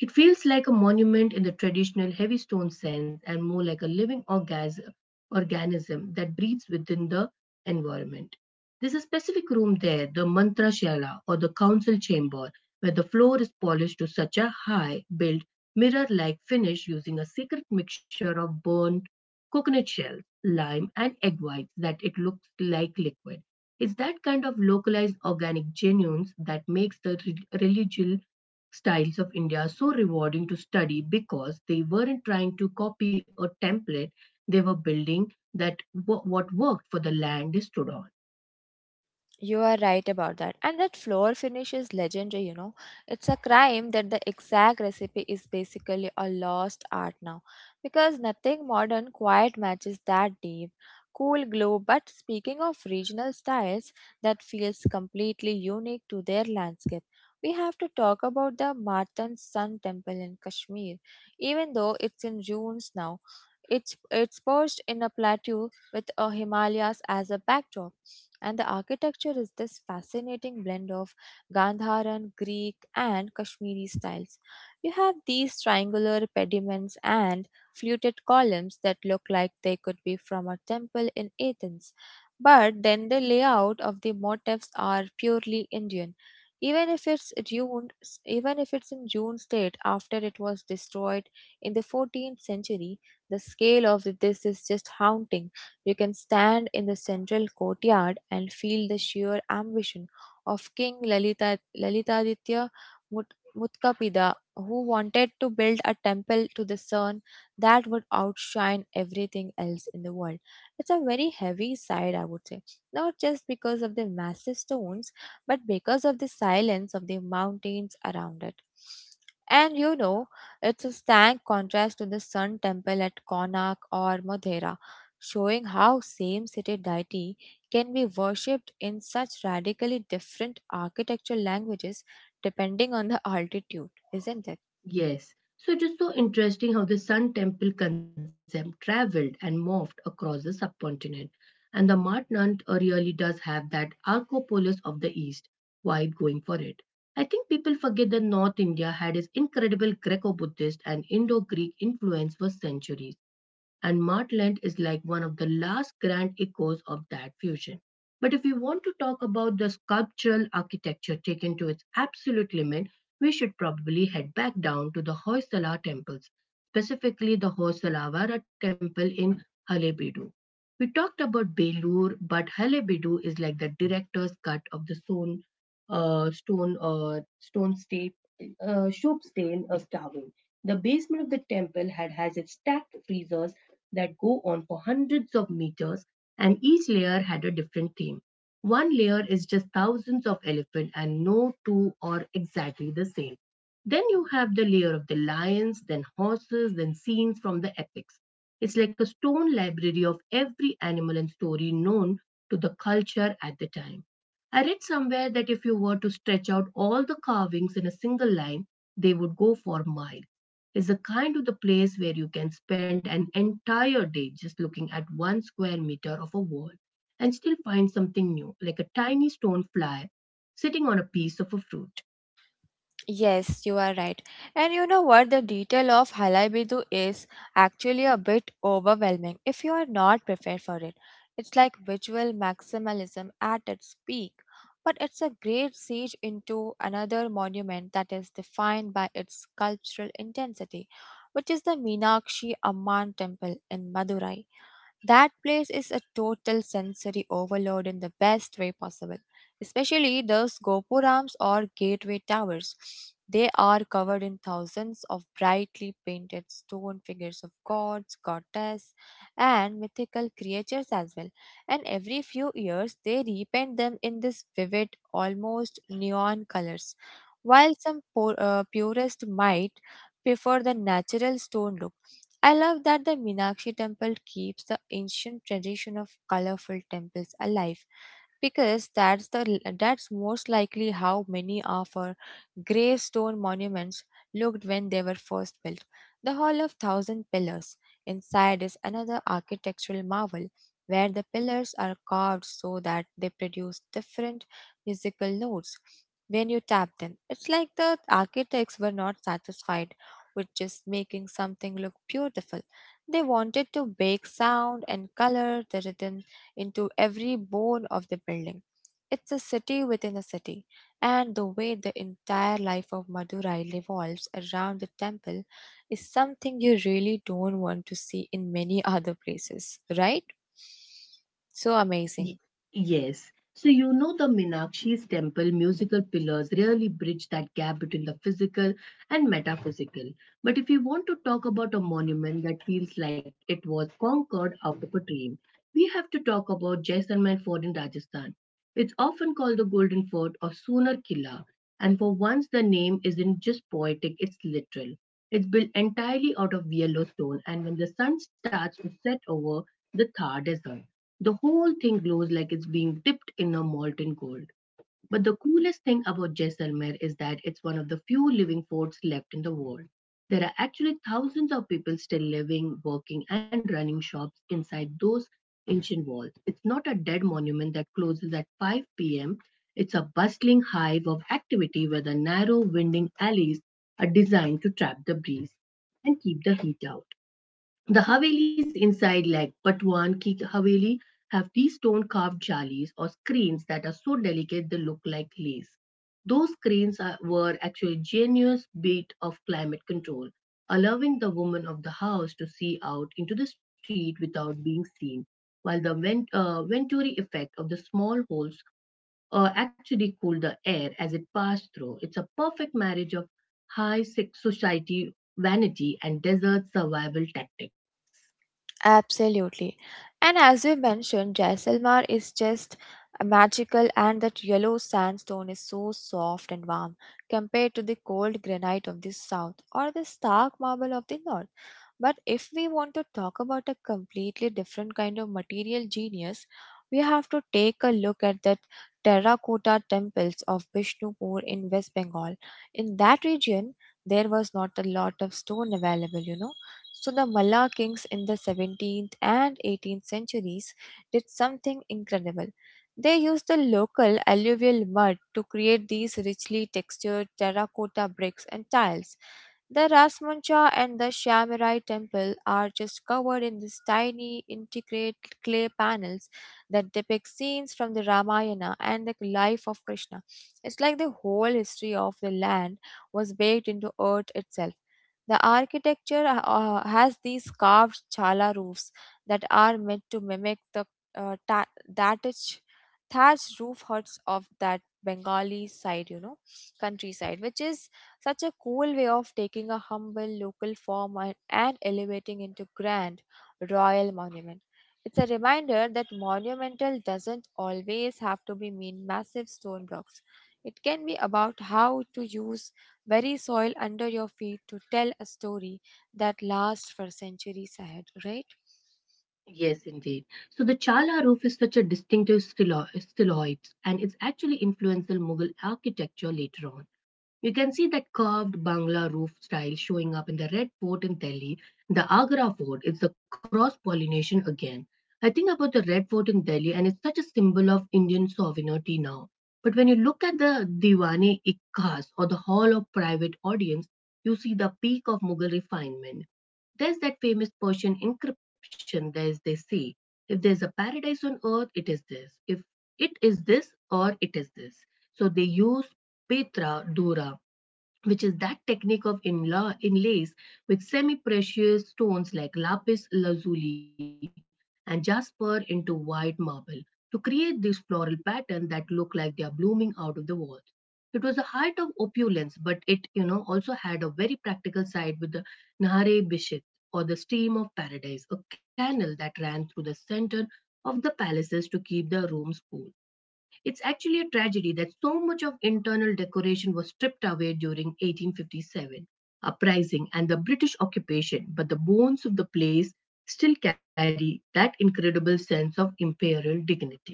It feels like a monument in the traditional heavy stone sense and more like a organism that breathes within the environment. There's a specific room there, the mantra shala or the council chamber, where the floor is polished to such a high built mirror like finish using a secret mixture of burnt coconut shells, lime, and egg whites that it looks like liquid. It's that kind of localized organic genuines that makes the religious styles of India so rewarding to study because they weren't trying to copy a template, they were building that what worked for the land they stood on. You are right about that. And that floor finish is legendary, you know. It's a crime that the exact recipe is basically a lost art now because nothing modern quite matches that deep, cool glow. But speaking of regional styles that feels completely unique to their landscape, we have to talk about the Martan Sun Temple in Kashmir. Even though it's in ruins now, it's perched in a plateau with a Himalayas as a backdrop and the architecture is this fascinating blend of Gandharan, Greek, and Kashmiri styles. You have these triangular pediments and fluted columns that look like they could be from a temple in Athens. But then the layout of the motifs are purely Indian. Even if it's June, Even if it's in June state after it was destroyed in the 14th century, the scale of this is just haunting. You can stand in the central courtyard and feel the sheer ambition of Lalitaditya Mut, Mutkapida, who wanted to build a temple to the sun that would outshine everything else in the world. It's a very heavy side, I would say, not just because of the massive stones, but because of the silence of the mountains around it. And you know, it's a stark contrast to the Sun Temple at Konark or Modhera showing how same city deity can be worshipped in such radically different architectural languages depending on the altitude, isn't it? Yes. So it is so interesting how the Sun Temple concept traveled and morphed across the subcontinent. And the Martnant really does have that Arcopolis of the East vibe going for it. I think people forget that North India had its incredible Greco Buddhist and Indo Greek influence for centuries. And Martland is like one of the last grand echoes of that fusion. But if we want to talk about the sculptural architecture taken to its absolute limit, we should probably head back down to the Hoysala temples, specifically the Hoysalavara temple in Halebedu. We talked about Belur, but Halebedu is like the director's cut of the stone, stone, stone state, soup stain starving. The basement of the temple had has its stacked freezers, that go on for hundreds of meters, and each layer had a different theme. One layer is just thousands of elephants, and no two are exactly the same. Then you have the layer of the lions, then horses, then scenes from the epics. It's like a stone library of every animal and story known to the culture at the time. I read somewhere that if you were to stretch out all the carvings in a single line, they would go for miles is the kind of the place where you can spend an entire day just looking at one square meter of a wall and still find something new, like a tiny stone fly sitting on a piece of a fruit. Yes, you are right. And you know what? The detail of Halai Bidu is actually a bit overwhelming if you are not prepared for it. It's like visual maximalism at its peak, but it's a great siege into another monument that is defined by its sculptural intensity, which is the Meenakshi Amman temple in Madurai. That place is a total sensory overload in the best way possible, especially those gopurams or gateway towers. They are covered in thousands of brightly painted stone figures of gods, goddesses, and mythical creatures as well. And every few years, they repaint them in this vivid, almost neon colors. While some purists might prefer the natural stone look, I love that the Meenakshi temple keeps the ancient tradition of colorful temples alive because that's most likely how many of our gravestone monuments looked when they were first built. The Hall of Thousand Pillars inside is another architectural marvel where the pillars are carved so that they produce different musical notes when you tap them. It's like the architects were not satisfied with just making something look beautiful. They wanted to bake sound and color the rhythm into every bone of the building. It's a city within a city, and the way the entire life of Madurai revolves around the temple is something you really don't want to see in many [LAUGHS] other places, right? So Y- amazing. Yes. So you know the Meenakshi's temple musical pillars really bridge that gap between the physical and metaphysical. But if you want to talk about a monument that feels like it was conquered out of a dream, we have to talk about Jaisalmer Fort in Rajasthan. It's often called the Golden Fort or Sooner Killa, and for once the name isn't just poetic, it's literal. It's built entirely out of Yellowstone, and when the sun starts to set over the Thar Desert, the whole thing glows like it's being dipped in a molten gold. But the coolest thing about Jaisalmer is that it's one of the few living forts left in the world. There are actually thousands of people still living, working, and running shops inside those ancient walls. It's not a dead monument that closes at 5 pm. It's a bustling hive of activity where the narrow, winding alleys are designed to trap the breeze and keep the heat out. The Havelis inside, like Patwan ki Haveli, have these stone carved jalis or screens that are so delicate they look like lace. Those screens are, were actually a genius bit of climate control, allowing the woman of the house to see out into the street without being seen, while the venturi effect of the small holes actually cooled the air as it passed through. It's a perfect marriage of high society vanity and desert survival tactics. Absolutely. And as you mentioned, Jaisalmer is just magical, and that yellow sandstone is so soft and warm compared to the cold granite of the south or the stark marble of the north. But if we want to talk about a completely different kind of material genius, we have to take a look at the terracotta temples of Bishnupur in West Bengal. In that region, there was not a lot of stone available, you know. So the Malla kings in the 17th and 18th centuries did something incredible. They used the local alluvial mud to create these richly textured terracotta bricks and tiles. The Rasmuncha and the Shyamarai temple are just covered in these tiny intricate clay panels that depict scenes from the Ramayana and the life of Krishna. It's like the whole history of the land was baked into earth itself. The architecture has these carved chala roofs that are meant to mimic the uh, ta- thatch, thatched roof huts of that Bengali side, you know, countryside, which is such a cool way of taking a humble local farm and elevating into grand royal monument. It's a reminder that monumental doesn't always have to be mean massive stone blocks. It can be about how to use very soil under your feet to tell a story that lasts for centuries ahead, right? Yes, indeed. So the Chala roof is such a distinctive stiloid, and it's actually influential Mughal architecture later on. You can see that curved Bangla roof style showing up in the Red Fort in Delhi, the Agra Fort. It's the cross pollination again. I think about the Red Fort in Delhi, and it's such a symbol of Indian sovereignty now. But when you look at the Diwani e Khas or the Hall of Private Audience, you see the peak of Mughal refinement. There's that famous Persian inscription there's they say, if there's a paradise on earth, it is this. If it is this or it is this. So they use Petra dura, which is that technique of inlays with semi precious stones like lapis lazuli and jasper into white marble to create these floral patterns that look like they are blooming out of the walls. It was a height of opulence, but it, you know, also had a very practical side with the Nahare Bishit or the Stream of Paradise, a canal that ran through the center of the palaces to keep the rooms cool. It's actually a tragedy that so much of internal decoration was stripped away during 1857 uprising and the British occupation, but the bones of the place still carry that incredible sense of imperial dignity.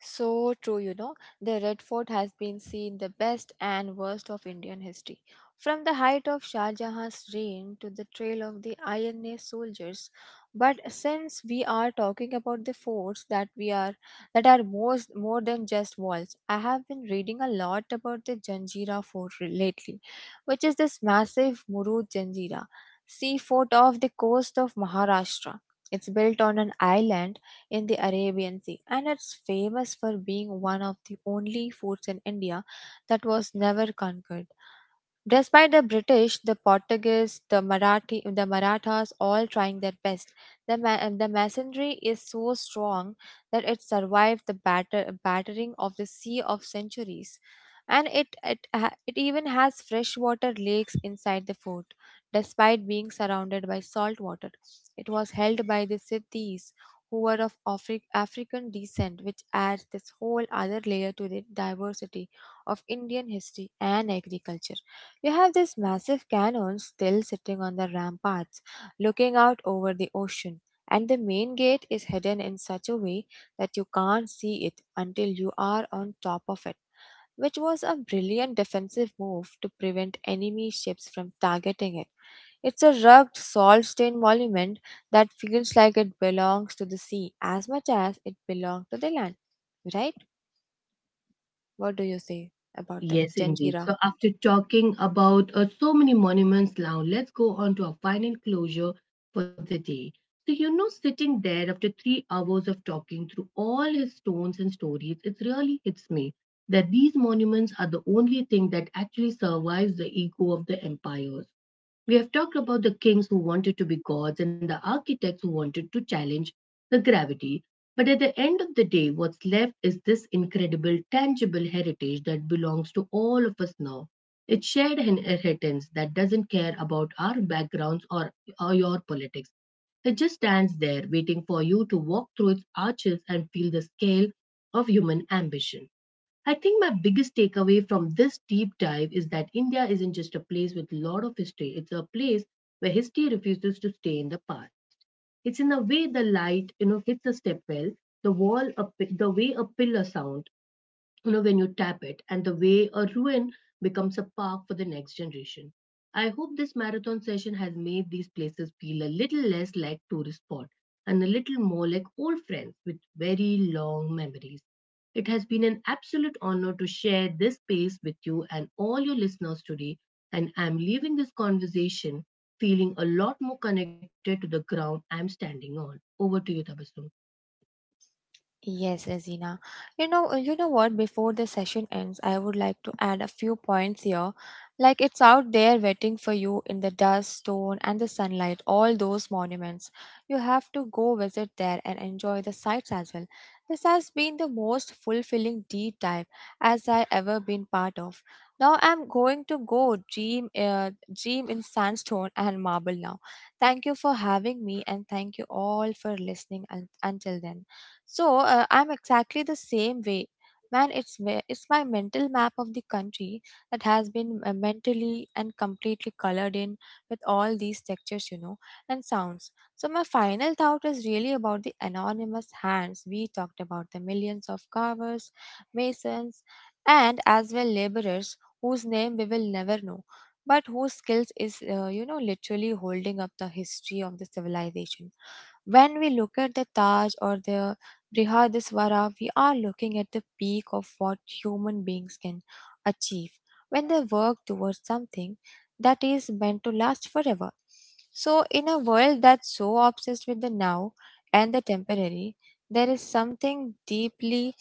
So true, you know. The Red Fort has been seen the best and worst of Indian history. From the height of Shah Jahan's reign to the trail of the INA soldiers. But since we are talking about the forts that we are that are most more than just walls, I have been reading a lot about the lately, which is this massive Murud Janjira sea fort off the coast of Maharashtra. It's built on an island in the Arabian Sea, and it's famous for being one of the only foods in India that was never conquered. Despite the British, the Portuguese, the Marathi, the Marathas all trying their best, the masonry is so strong that it survived the battering of the sea of centuries. And it even has freshwater lakes inside the fort. Despite being surrounded by salt water, it was held by the Sithis, who were of African descent, which adds this whole other layer to the diversity of Indian history and agriculture. You have this massive cannon still sitting on the ramparts, looking out over the ocean, and the main gate is hidden in such a way that you can't see it until you are on top of it, which was a brilliant defensive move to prevent enemy ships from targeting it. It's a rugged, salt stained monument that feels like it belongs to the sea as much as it belongs to the land, right? What do you say about that, Yes, indeed. Janjira? So, after talking about so many monuments now, let's go on to our final closure for the day. So, you know, sitting there after 3 hours of talking through all his stones and stories, it really hits me that these monuments are the only thing that actually survives the ego of the empires. We have talked about the kings who wanted to be gods and the architects who wanted to challenge the gravity. But at the end of the day, what's left is this incredible, tangible heritage that belongs to all of us now. It's shared inheritance that doesn't care about our backgrounds or your politics. It just stands there waiting for you to walk through its arches and feel the scale of human ambition. I think my biggest takeaway from this deep dive is that India isn't just a place with a lot of history. It's a place where history refuses to stay in the past. It's in the way the light, you know, hits a step well, the way a pillar sounds, you know when you tap it, and the way a ruin becomes a park for the next generation. I hope this marathon session has made these places feel a little less like tourist spot and a little more like old friends with very long memories. It has been an absolute honor to share this space with you and all your listeners today, and I'm leaving this conversation feeling a lot more connected to the ground I'm standing on. Over to you, Tabassum. Yes, Azina. You know what? Before the session ends, I would like to add a few points here. Like it's out there waiting for you in the dust, stone, and the sunlight, all those monuments. You have to go visit there and enjoy the sights as well. This has been the most fulfilling deep dive as I ever been part of. Now I'm going to dream in sandstone and marble now. Thank you for having me, and thank you all for listening until then. So I'm exactly the same way. Man, it's my mental map of the country that has been mentally and completely colored in with all these textures, you know, and sounds. So my final thought is really about the anonymous hands. We talked about the millions of carvers, masons, and as well laborers whose name we will never know, but whose skills is you know literally holding up the history of the civilization when we look at the Taj or This Brihadisvara, we are looking at the peak of what human beings can achieve when they work towards something that is meant to last forever. So, in a world that's so obsessed with the now and the temporary, there is something deeply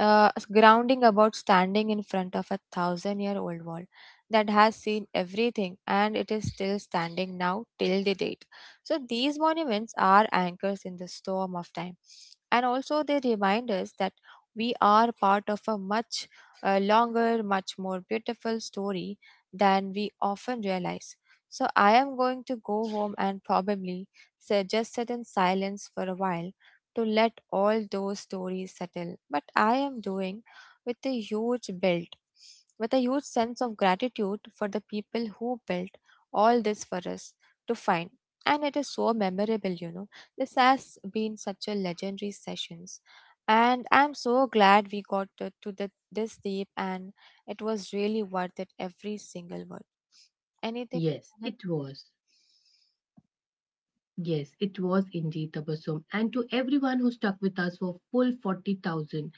grounding about standing in front of a thousand year old wall that has seen everything and it is still standing now till the date. So, these monuments are anchors in the storm of time and also, they remind us that we are part of a much longer, much more beautiful story than we often realize. So, I am going to go home and probably just sit in silence for a while to let all those stories settle. But I am doing with a huge build, with a huge sense of gratitude for the people who built all this for us to find. And it is so memorable, you know. This has been such a legendary sessions and I'm so glad we got this deep and it was really worth it every single word. Anything yes it was Yes, it was indeed, Tabassum. And to everyone who stuck with us for full 40,000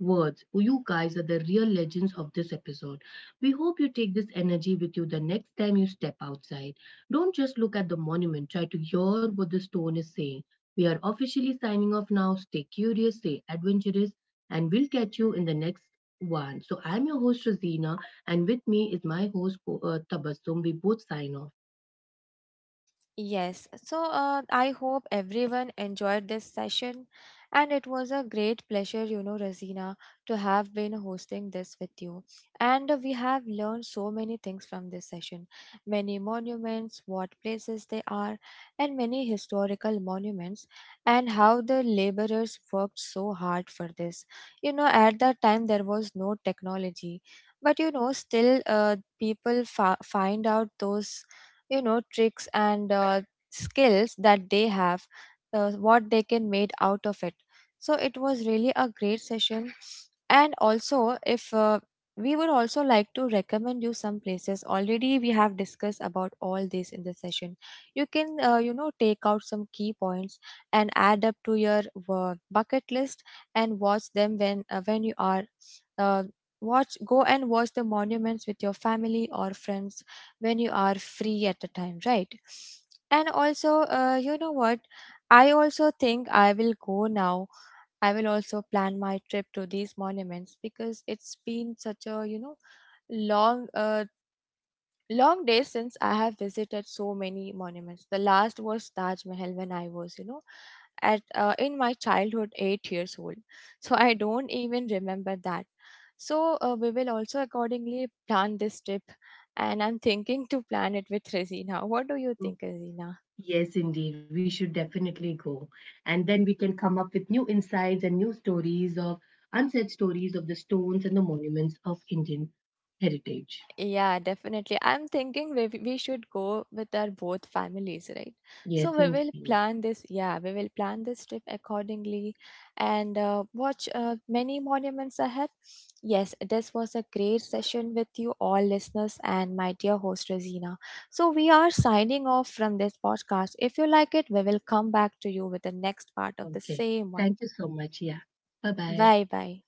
words, you guys are the real legends of this episode. We hope you take this energy with you the next time you step outside. Don't just look at the monument, try to hear what the stone is saying. We are officially signing off now. Stay curious, stay adventurous, and we'll catch you in the next one. So I'm your host, Rosina, and with me is my host, Tabassum. We both sign off. Yes, so I hope everyone enjoyed this session, and it was a great pleasure, you know, Razina, to have been hosting this with you. And we have learned so many things from this session many monuments, what places they are, and many historical monuments, and how the laborers worked so hard for this. You know, at that time, there was no technology. But you know, still, people find out those you know tricks and skills that they have what they can made out of it so it was really a great session and also if we would also like to recommend you some places already we have discussed about all this in the session you can you know take out some key points and add up to your bucket list and watch them when you are uh, watch go and watch the monuments with your family or friends when you are free at the time, right? And also, you know what? I also think I will go now. I will also plan my trip to these monuments because it's been such a, you know, long uh, long days since I have visited so many monuments. The last was Taj Mahal when I was, you know, at in my childhood 8 years old so I don't even remember that so we will also accordingly plan this trip and I'm thinking to plan it with Resina. What do you think, Resina? Yes, indeed. We should definitely go. And then we can come up with new insights and new stories of unsaid stories of the stones and the monuments of Indian heritage. Yeah, definitely. I'm thinking we should go with our both families, right? So Yes, we will indeed. plan this. Yeah, we will plan this trip accordingly and watch many monuments ahead. Yes, this was a great session with you all listeners and my dear host Rosina. So we are signing off from this podcast. If you like it, we will come back to you with the next part of the Okay. same Thank one. you so much. Yeah. Bye bye. Bye bye.